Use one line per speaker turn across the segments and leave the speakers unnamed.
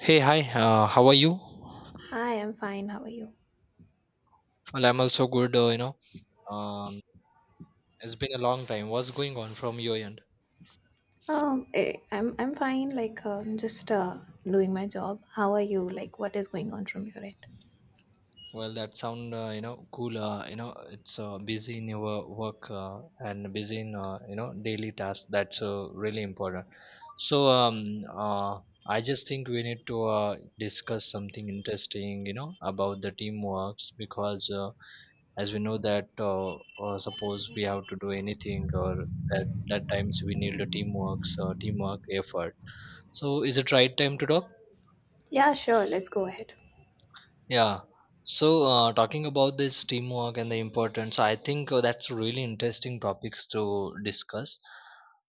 Hey, hi, how are you?
Hi, I'm fine. How are you?
Well, I'm also good. Um, it's been a long time. What's going on from your end?
I'm fine. Just doing my job. How are you? Like, what is going on from your end?
Well, that sound cool. You know it's busy in your work and busy in daily tasks. That's really important. So I just think we need to discuss something interesting. You know about the teamworks because as we know that suppose we have to do anything or that times we need a teamwork effort. So is it right time to talk?
Yeah, sure. Let's go ahead.
Yeah. So, talking about this teamwork and the importance, I think that's really interesting topics to discuss.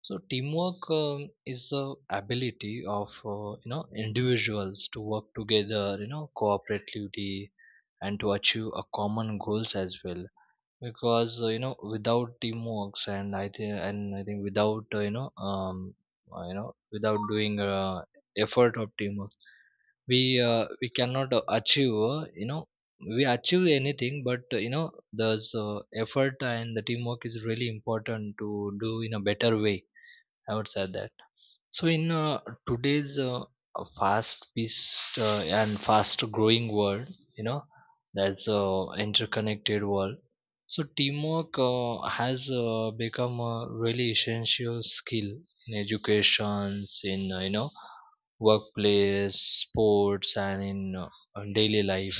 So, teamwork is the ability of individuals to work together, cooperatively, and to achieve a common goals as well because without teamwork, and I think without without doing effort of teamwork we cannot achieve we achieve anything but the uh, effort and the teamwork is really important to do in a better way I would say that. So, in today's fast-paced and fast-growing world, you know, that's interconnected world. So, teamwork has become a really essential skill in educations, in workplace, sports, and in daily life.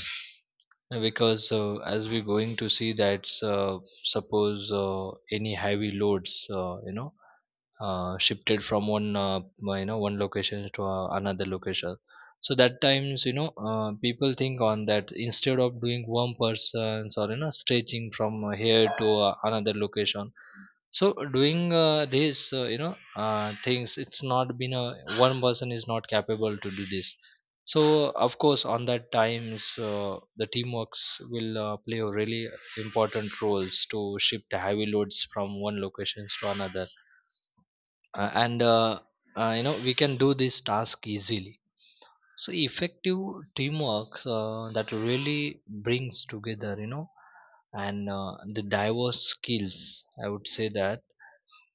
Because as we're going to see that, suppose any heavy loads, shifted from one you know one location to another location, so that times people think on that instead of doing one person's or you know stretching from here to another location. So doing this things, it's not been a one person is not capable to do this. So of course on that times the teamworks will play a really important roles to shift heavy loads from one locations to another and you know we can do this task easily. So effective teamwork that really brings together and the diverse skills I would say that.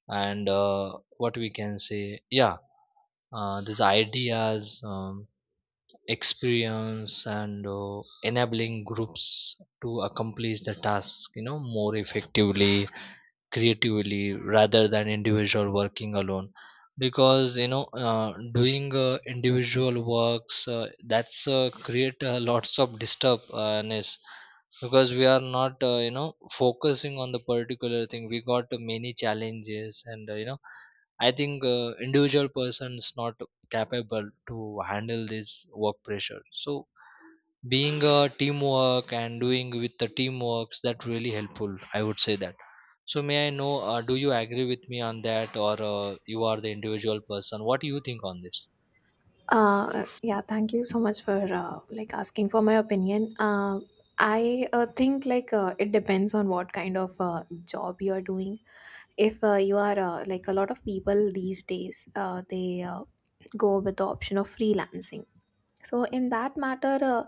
And what we can say, yeah, these ideas, experience and enabling groups to accomplish the task more effectively, creatively, rather than individual working alone. Because doing individual works, that's create lots of disturbance, because we are not focusing on the particular thing. We got many challenges and I think individual person is not capable to handle this work pressure. So being a teamwork and doing with the teamworks, that really helpful I would say that. So may I know, do you agree with me on that, or you are the individual person? What do you think on this?
Yeah. Thank you so much for like asking for my opinion. I think like it depends on what kind of job you are doing. If you are like a lot of people these days, they go with the option of freelancing, so in that matter uh,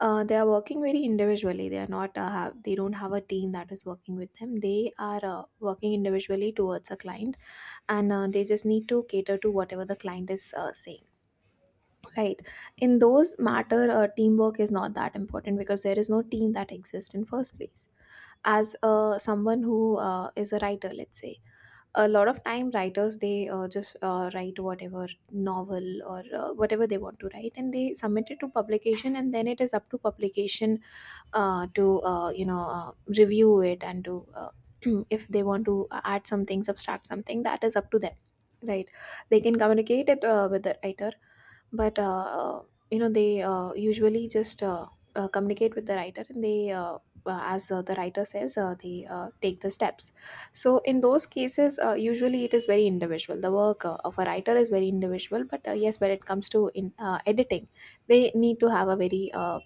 uh, they are working very individually. They are not have they don't have a team that is working with them. They are working individually towards a client, and they just need to cater to whatever the client is saying, right? In those matter, teamwork is not that important because there is no team that exists in first place. As someone who is a writer, let's say, a lot of time writers they just write whatever novel or whatever they want to write, and they submit it to publication, and then it is up to publication to review it and to if they want to add something, subtract something, that is up to them, right? They can communicate it with the writer, but you know they usually just communicate with the writer, and they as the writer says, they take the steps. So in those cases, usually it is very individual. The work of a writer is very individual, but yes, when it comes to in editing, they need to have a very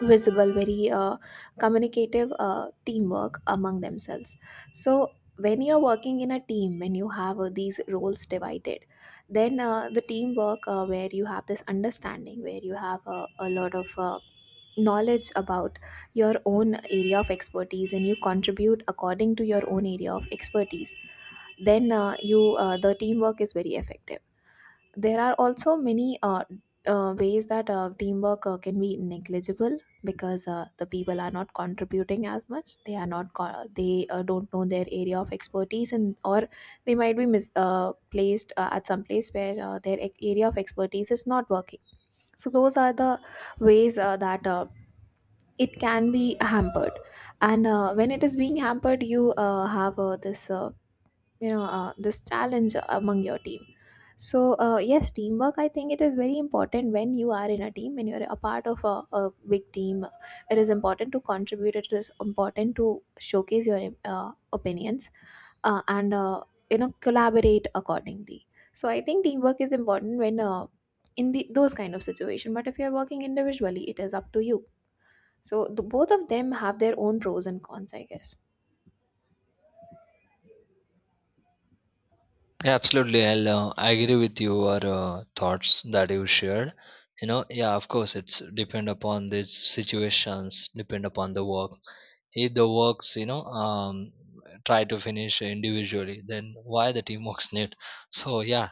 visible, very communicative teamwork among themselves. So, when you're working in a team, when you have these roles divided, then the teamwork where you have this understanding, where you have a lot of knowledge about your own area of expertise and you contribute according to your own area of expertise, then you the teamwork is very effective. There are also many ways that teamwork can be negligible because the people are not contributing as much. They are not co- they don't know their area of expertise, and or they might be mis- placed at some place where their area of expertise is not working. So those are the ways that it can be hampered, and when it is being hampered, you have this challenge among your team. So yes, teamwork, I think it is very important when you are in a team, when you're a part of a big team. It is important to contribute, it is important to showcase your opinions and you know, collaborate accordingly. So I think teamwork is important when in the those kind of situation, but if you're working individually, it is up to you. So the, both of them have their own pros and cons, I guess.
Yeah, absolutely. I'll I agree with your thoughts that you shared. You know, yeah, of course it's depend upon the situations, depend upon the work. If the works try to finish individually, then why the teamwork's need? So yeah,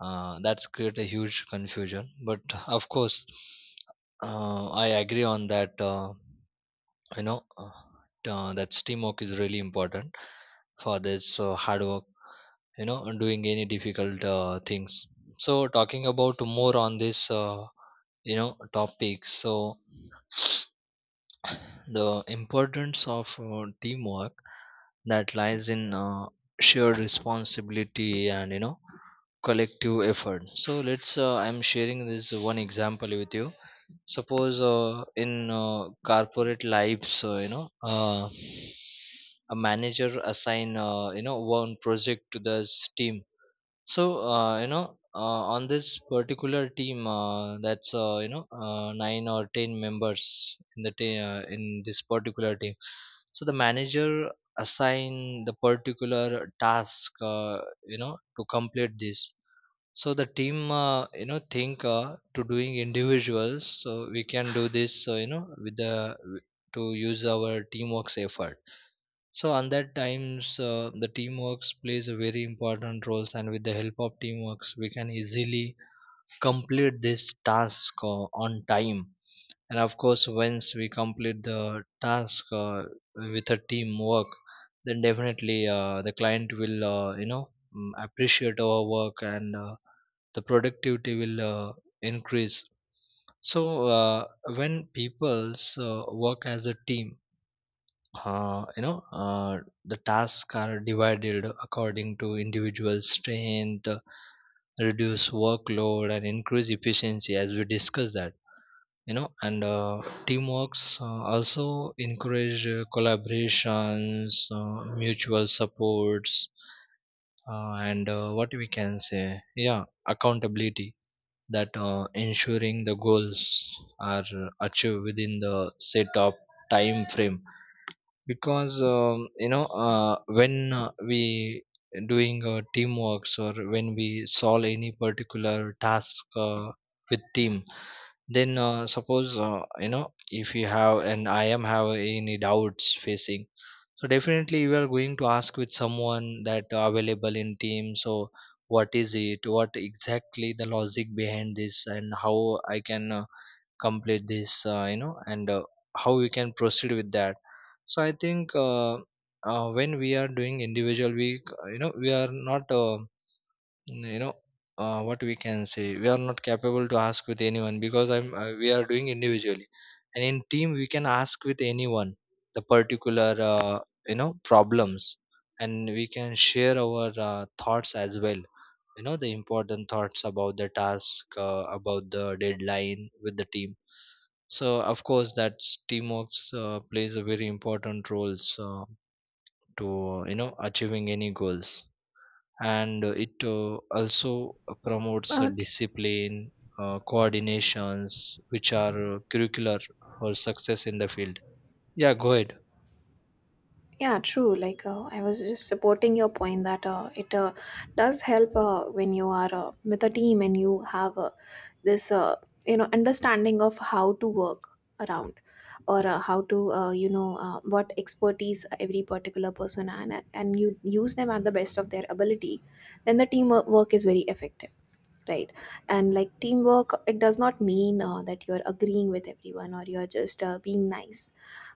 that's create a huge confusion. But of course I agree on that you know uh, that teamwork is really important for this hard work, you know, and doing any difficult things. So talking about more on this you know topic, so the importance of teamwork that lies in shared responsibility and collective effort. So let's I'm sharing this one example with you. Suppose in corporate lives, a manager assign one project to this team. So on this particular team that's 9 or 10 members in the in this particular team. So the manager assign the particular task to complete this. So the team, think to doing individuals. So we can do this, with the to use our teamwork's effort. So on that times, the teamworks plays a very important roles, and with the help of teamworks, we can easily complete this task on time. And of course, once we complete the task with a teamwork, then definitely the client will appreciate our work and the productivity will increase. So when people's work as a team, uh, you know uh, the tasks are divided according to individual strength, reduce workload and increase efficiency as we discussed that, and teamworks also encourage collaborations, mutual supports, and what we can say, yeah, accountability, that ensuring the goals are achieved within the set of time frame. Because when we doing teamworks or when we solve any particular task with team, then suppose if you have and I am have any doubts facing, so definitely you are going to ask with someone that available in team. So what is it, what exactly the logic behind this and how I can complete this, and how we can proceed with that. So I think when we are doing individual week, we are not you know what we can say, we are not capable to ask with anyone because I'm we are doing individually. And in team we can ask with anyone the particular problems, and we can share our thoughts as well, you know, the important thoughts about the task about the deadline with the team. So of course that teamwork plays a very important role to you know achieving any goals, and it also promotes
uh,
discipline, coordinations, which are curricular for success in the field. Yeah, go ahead.
Yeah, true. Like I was just supporting your point that it does help when you are with a team and you have this understanding of how to work around, or how to you know what expertise every particular person, and you use them at the best of their ability. Then the team work is very effective, right? And like teamwork, it does not mean that you're agreeing with everyone or you're just being nice.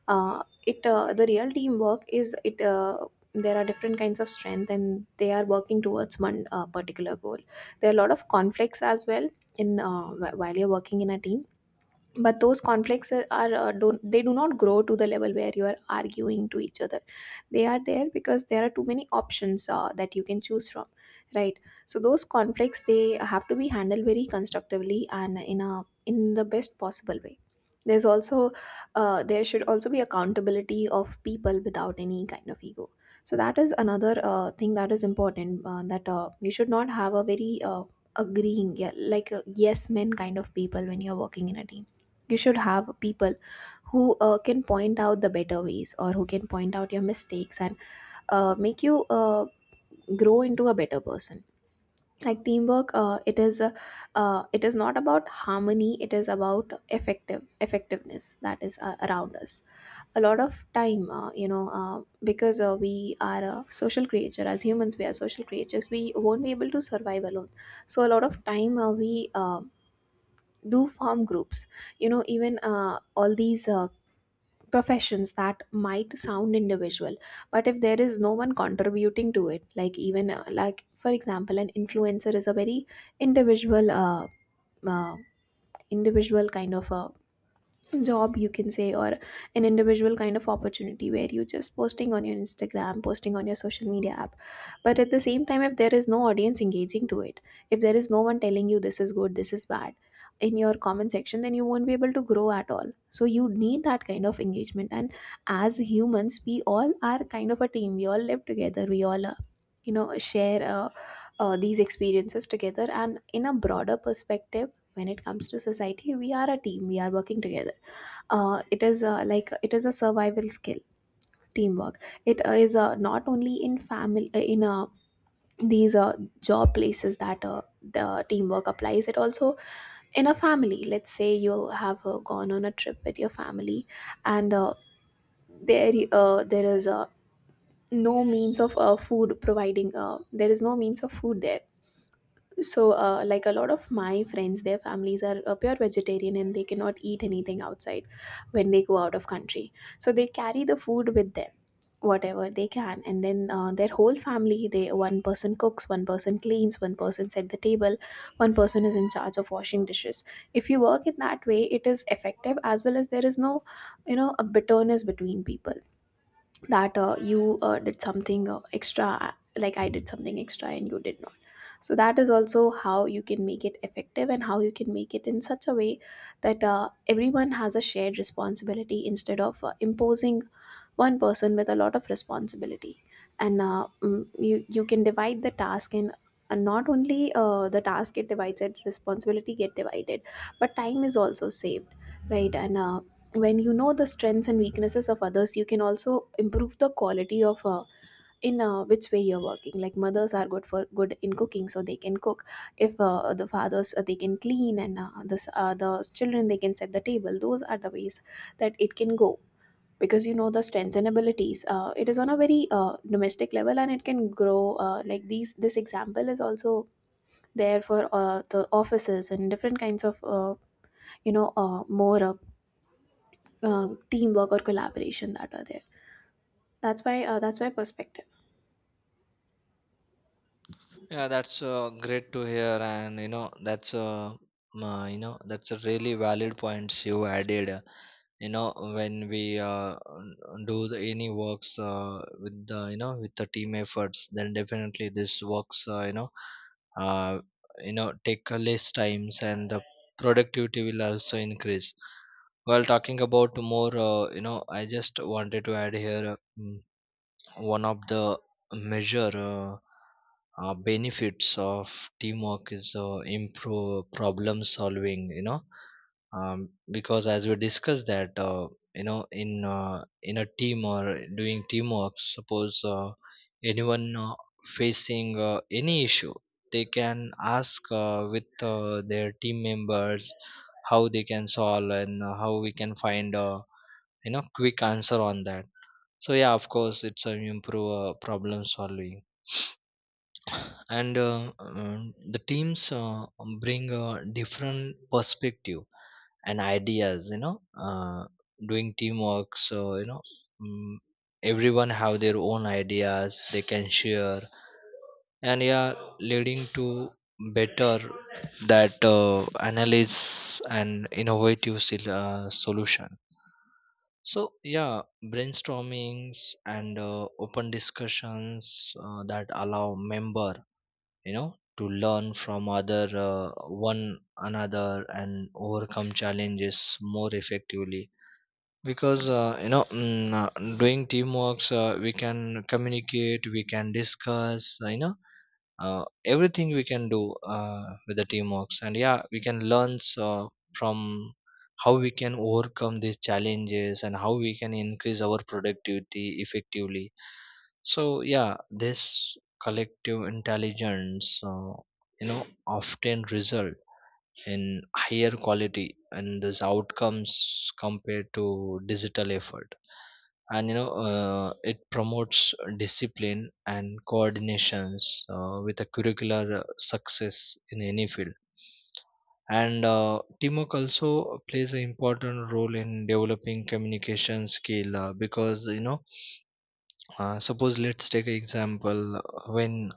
It The real teamwork is it there are different kinds of strength, and they are working towards one particular goal. There are a lot of conflicts as well in while you're working in a team, but those conflicts are, don't they do not grow to the level where you are arguing to each other. They are there because there are too many options that you can choose from, right? So those conflicts, they have to be handled very constructively and in the best possible way. There's also there should also be accountability of people without any kind of ego. So that is another thing that is important, that you should not have a very agreeing, yeah, like a yes men kind of people when you're working in a team. You should have people who can point out the better ways or who can point out your mistakes and make you grow into a better person. Like teamwork, it is a, it is not about harmony, it is about effectiveness that is around us. A lot of time, because we are a social creature, as humans we are social creatures, we won't be able to survive alone. So a lot of time, we do form groups, you know, even all these professions that might sound individual, but if there is no one contributing to it, like even like for example, an influencer is a very individual, uh individual kind of a job, you can say, or an individual kind of opportunity where you just posting on your Instagram, posting on your social media app. But at the same time, if there is no audience engaging to it, if there is no one telling you this is good, this is bad in your comment section, then you won't be able to grow at all. So you need that kind of engagement, and as humans, we all are kind of a team. We all live together, we all share these experiences together, and in a broader perspective, when it comes to society, we are a team, we are working together. It is like it is a survival skill, teamwork. It is not only in family, in these job places that the teamwork applies, it also in a family. Let's say you have gone on a trip with your family, and there is no means of food providing, there is no means of food there. So, like a lot of my friends, their families are pure vegetarian and they cannot eat anything outside when they go out of country. So they carry the food with them, whatever they can, and then their whole family. They one person cooks, one person cleans, one person set the table, one person is in charge of washing dishes. If you work in that way, it is effective, as well as there is no, you know, a bitterness between people that you did something extra, like I did something extra and you did not. So that is also how you can make it effective and how you can make it in such a way that everyone has a shared responsibility instead of imposing one person with a lot of responsibility. And you can divide the task, and not only the task get divided, responsibility get divided, but time is also saved, right? And when you know the strengths and weaknesses of others, you can also improve the quality of in which way you're working. Like mothers are good in cooking, so they can cook. If the fathers, they can clean, and the children, they can set the table. Those are the ways that it can go, because you know the strengths and abilities. It is on a very domestic level, and it can grow like these this example is also there for the offices and different kinds of you know more teamwork or collaboration that are there. That's why perspective.
Yeah, that's great to hear, and you know that's that's a really valid points you added. You know, when we do the, any works with the you know with the team efforts, then definitely this works uh, take a less times and the productivity will also increase. While talking about more I just wanted to add here one of the major benefits of teamwork is improve problem solving, you know, because as we discussed that, in a team or doing teamwork. Suppose anyone facing any issue, they can ask with their team members how they can solve and how we can find a quick answer on that. So yeah, of course, it's improve problem solving, and the teams bring different perspective and ideas. You know, doing teamwork, so you know, mm, everyone have their own ideas they can share, and yeah, leading to better that analysis and innovative solution. So yeah, brainstormings and open discussions that allow member, you know, to learn from other one another and overcome challenges more effectively. Because doing teamworks, we can communicate, we can discuss, everything we can do with the teamworks, and yeah we can learn so from how we can overcome these challenges and how we can increase our productivity effectively. So yeah, this collective intelligence often result in higher quality and those outcomes compared to digital effort. And you know it promotes discipline and coordinations with a curricular success in any field. And teamwork also plays an important role in developing communication skill because you know suppose let's take an example, when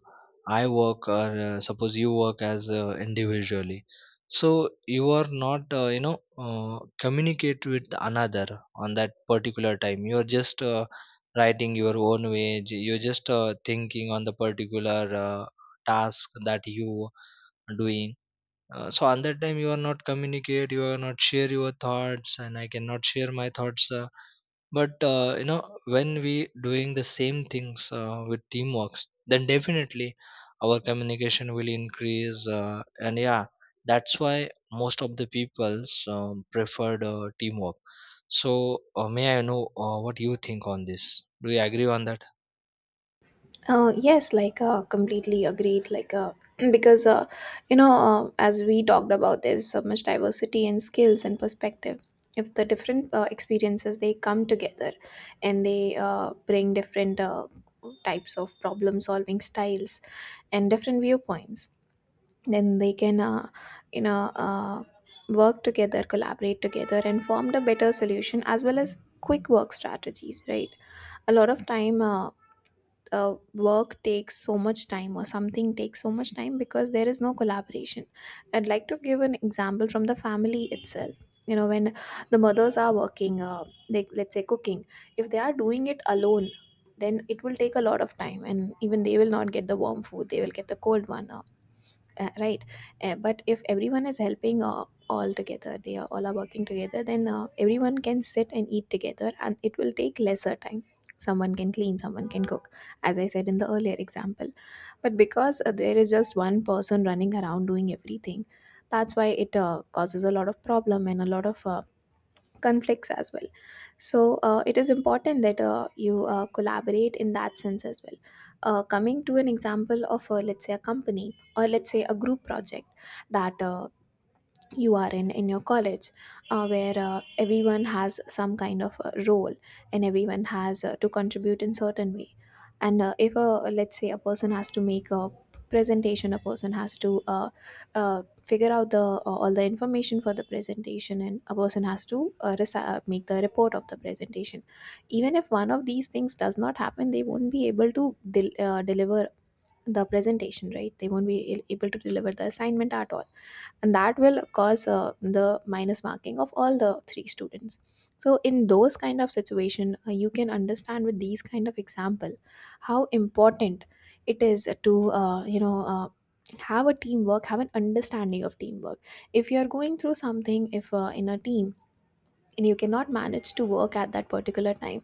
I work or suppose you work as individually. So you are not communicate with another on that particular time. You are just writing your own way. You're just thinking on the particular task that you are doing. So on that time you are not communicate. You are not share your thoughts, and I cannot share my thoughts. But you know when we doing the same things with teamworks then definitely our communication will increase and yeah that's why most of the people's preferred teamwork. So may I know what you think on this? Do you agree on that?
Yes, like completely agreed. Like because you know, as we talked about, there's so much diversity in skills and perspective. If the different experiences they come together, and they bring different types of problem solving styles and different viewpoints, then they can you know uh, work together, collaborate together, and form a better solution as well as quick work strategies. Right. A lot of time. Work takes so much time, or something takes so much time because there is no collaboration. I'd like to give an example from the family itself. You know, when the mothers are working, like let's say cooking, if they are doing it alone, then it will take a lot of time, and even they will not get the warm food; they will get the cold one. Right. But if everyone is helping, all together, they are all are working together, then everyone can sit and eat together and it will take lesser time. Someone can clean, someone can cook, as I said in the earlier example. But because there is just one person running around doing everything, that's why it causes a lot of problem and a lot of conflicts as well. So it is important that you collaborate in that sense as well. Coming to an example of, let's say, a company, or let's say a group project that you are in your college, where everyone has some kind of a role and everyone has to contribute in certain way. And if a, let's say, a person has to make a presentation, a person has to uh, figure out the all the information for the presentation, and a person has to make the report of the presentation. Even if one of these things does not happen, they won't be able to deliver the presentation, right? They won't be able to deliver the assignment at all, and that will cause the minus marking of all the three students. So in those kind of situation, you can understand with these kind of example how important it is to, have a teamwork, have an understanding of teamwork. If you are going through something, if in a team, and you cannot manage to work at that particular time,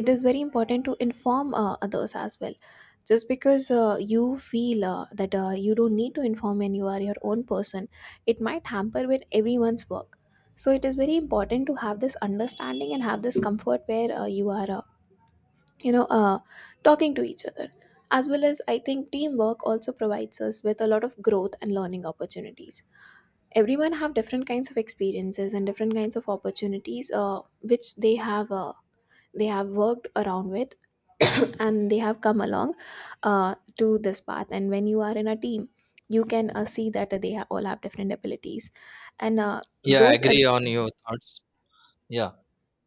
it is very important to inform others as well. Just because you feel that you don't need to inform and you are your own person, it might hamper with everyone's work. So it is very important to have this understanding and have this comfort where you are, you know uh, talking to each other. As well, as I think, teamwork also provides us with a lot of growth and learning opportunities. Everyone have different kinds of experiences and different kinds of opportunities, which they have worked around with, and they have come along to this path. And when you are in a team, you can see that they all have different abilities, and
Yeah, I
those...
agree on your thoughts. Yeah,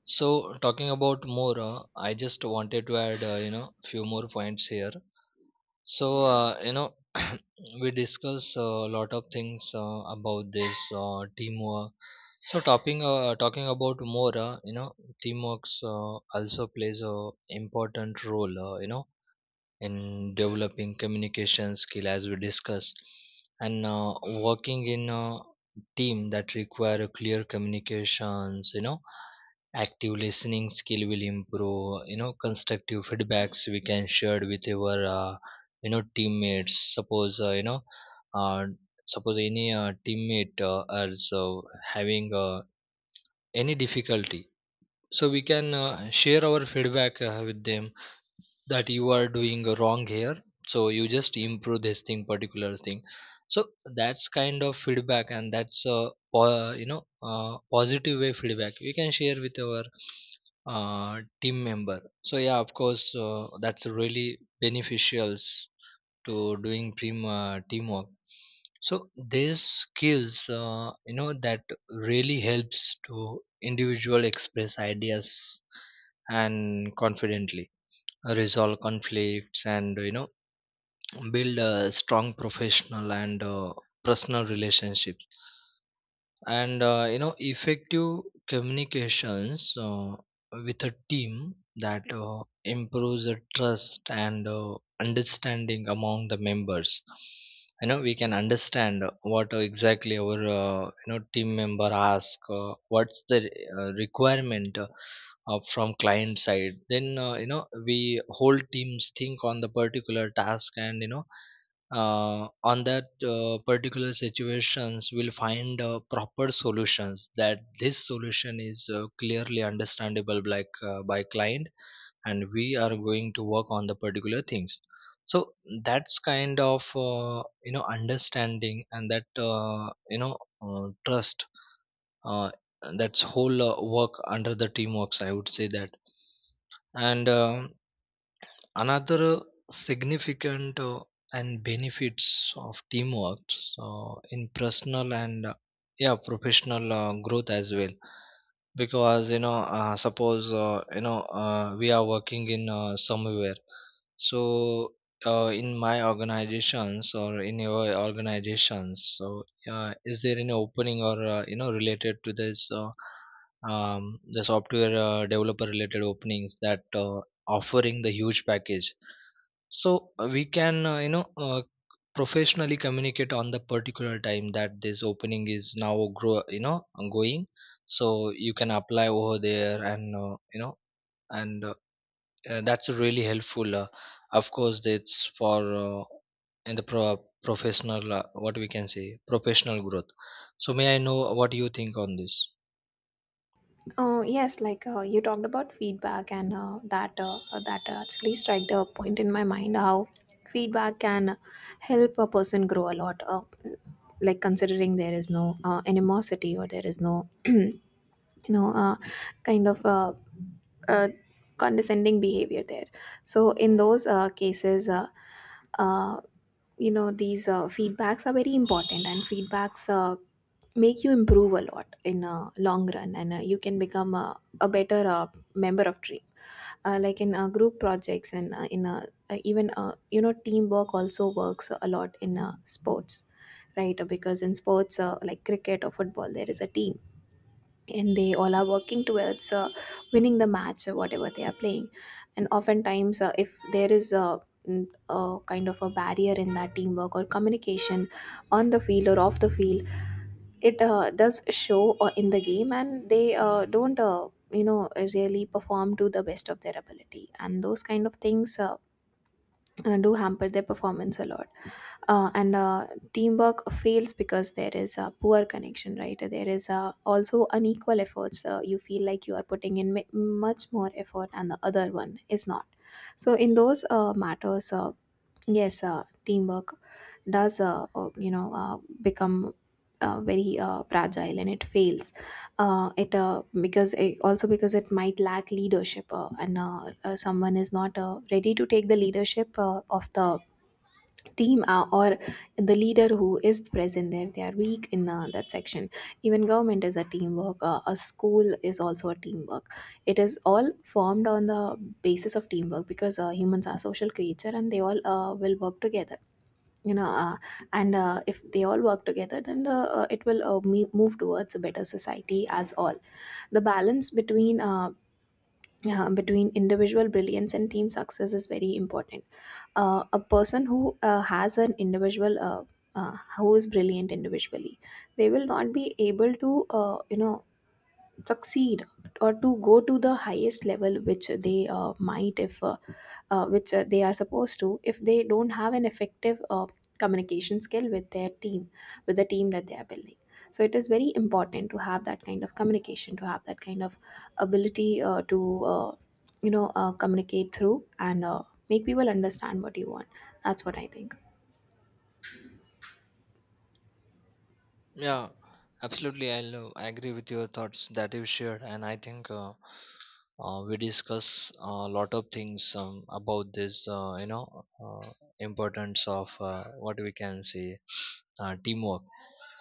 so talking about more, I just wanted to add, you know, few more points here. So, you know, we discuss a lot of things about this teamwork. So, talking about more, you know, teamwork also plays a important role. You know, in developing communication skill as we discussed, and working in a team that require a clear communications, you know, active listening skill will improve, you know, constructive feedbacks we can share with our you know teammates. Suppose you know uh, suppose any teammate is having any difficulty, so we can share our feedback with them that you are doing wrong here, so you just improve this thing, particular thing. So that's kind of feedback, and that's a you know positive way feedback we can share with our team member. So yeah, of course that's really beneficial to doing teamwork. So these skills, you know, that really helps to individual express ideas and confidently resolve conflicts, and you know, build a strong professional and personal relationship. And you know effective communications with a team, that improves the trust and understanding among the members. You know, we can understand what exactly our you know team member ask, what's the requirement from client side. Then you know we whole teams think on the particular task, and you know on that particular situations will find proper solutions, that this solution is clearly understandable by, by client, and we are going to work on the particular things. So that's kind of you know understanding, and that you know trust, uh, that's whole work under the teamworks, I would say that. And another significant and benefits of teamwork in personal and yeah professional growth as well. Because you know suppose you know we are working in somewhere, so in my organizations or in your organizations, so is there any opening or you know related to this the software developer related openings that offering the huge package. So we can you know professionally communicate on the particular time that this opening is now grow, you know, going. So you can apply over there, and you know and that's really helpful, of course that's for uh, in the professional, what we can say, professional growth. So may I know what you think on this?
Yes, like you talked about feedback, and that actually struck a point in my mind how feedback can help a person grow a lot. Like, considering there is no animosity or there is no you know uh, kind of uh, condescending behavior there. So in those cases, uh, these feedbacks are very important, and feedbacks make you improve a lot in a long run, and you can become a better member of team. Like in group projects and in even teamwork also works a lot in sports, right? Because in sports, like cricket or football, there is a team, and they all are working towards winning the match or whatever they are playing. And oftentimes, if there is a, mm, a kind of a barrier in that teamwork or communication, on the field or off the field, it does show in the game, and they don't, really perform to the best of their ability, and those kind of things do hamper their performance a lot. And Teamwork fails because there is a poor connection, right? There is also unequal efforts, you feel like you are putting in much more effort and the other one is not. So in those matters, yes, teamwork does, become very fragile and it fails. It Because it, also because it might lack leadership, and someone is not ready to take the leadership of the team, or the leader who is present there, they are weak in that section. Even government is a teamwork, a school is also a teamwork. It is all formed on the basis of teamwork, because humans are social creature and they all will work together, you know uh, and if they all work together, then the, it will move towards a better society as all. The balance between between individual brilliance and team success is very important. A person who has an individual, who is brilliant individually, they will not be able to, succeed, or to go to the highest level which they might if which they are supposed to, if they don't have an effective communication skill with their team, with the team that they are building. So it is very important to have that kind of communication, to have that kind of ability to, communicate through, and make people understand what you want. That's what I think.
Yeah, absolutely. I agree with your thoughts that you shared, and I think we discuss a lot of things about this. You know, importance of what we can say teamwork.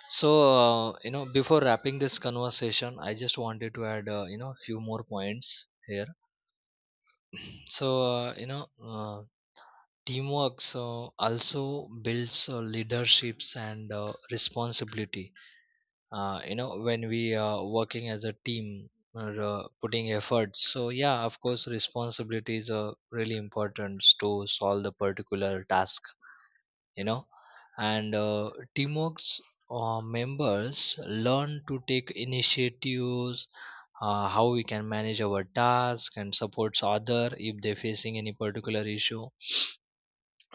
So you know, before wrapping this conversation, I just wanted to add, you know, few more points here. So you know, teamwork so also builds leaderships and responsibility. You know, when we are working as a team or putting efforts, so yeah, of course responsibilities are really important to solve the particular task, you know. And teamwork's members learn to take initiatives, how we can manage our task and supports other if they're facing any particular issue.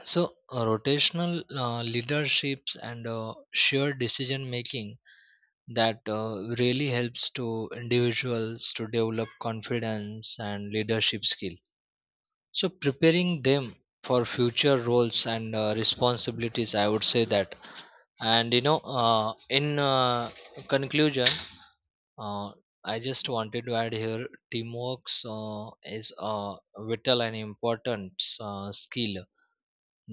So rotational leaderships and shared decision making, that really helps to individuals to develop confidence and leadership skill. So preparing them for future roles and responsibilities, I would say that. And you know in conclusion, uh, I just wanted to add here, teamwork is a vital and important skill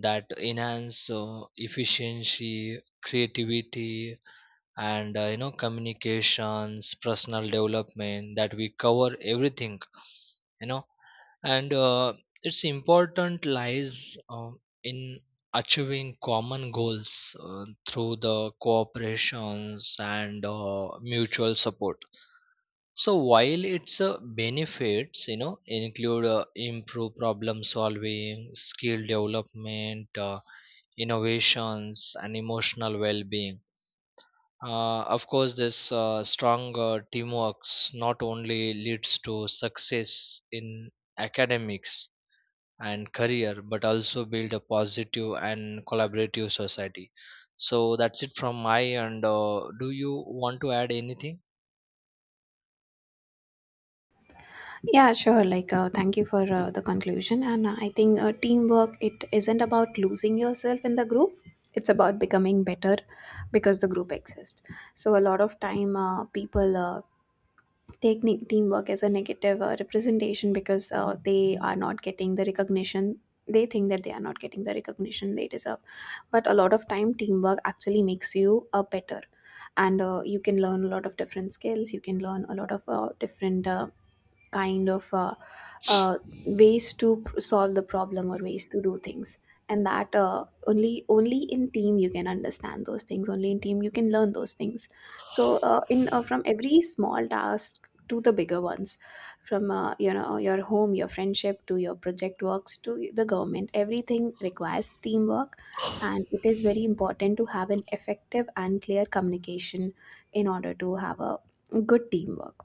that enhance efficiency, creativity, and you know communications, personal development, that we cover everything, you know. And its important lies in achieving common goals through the cooperations and mutual support. So while its benefits, you know, include improve problem solving, skill development, innovations and emotional well-being. Of course, this strong teamwork not only leads to success in academics and career, but also build a positive and collaborative society. So that's it from my end. Do you want to add anything?
Yeah, sure. Like, thank you for the conclusion. And I think teamwork, it isn't about losing yourself in the group. It's about becoming better because the group exists. So a lot of time, people take teamwork as a negative representation because they are not getting the recognition. They think that they are not getting the recognition they deserve. But a lot of time, teamwork actually makes you a better. And you can learn a lot of different skills. You can learn a lot of different kind of uh, ways to solve the problem or ways to do things. And that, only only in team you can understand those things, only in team you can learn those things. So in from every small task to the bigger ones, from, your home, your friendship, to your project works, to the government, everything requires teamwork. And it is very important to have an effective and clear communication in order to have a good teamwork.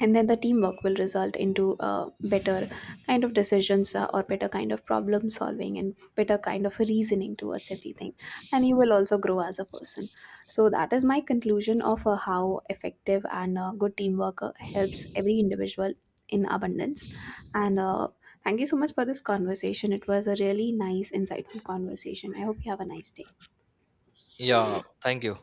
And then the teamwork will result into better kind of decisions, or better kind of problem solving and better kind of reasoning towards everything. And you will also grow as a person. So that is my conclusion of how effective and good teamwork helps every individual in abundance. And thank you so much for this conversation. It was a really nice insightful conversation. I hope you have a nice day.
Yeah, thank you.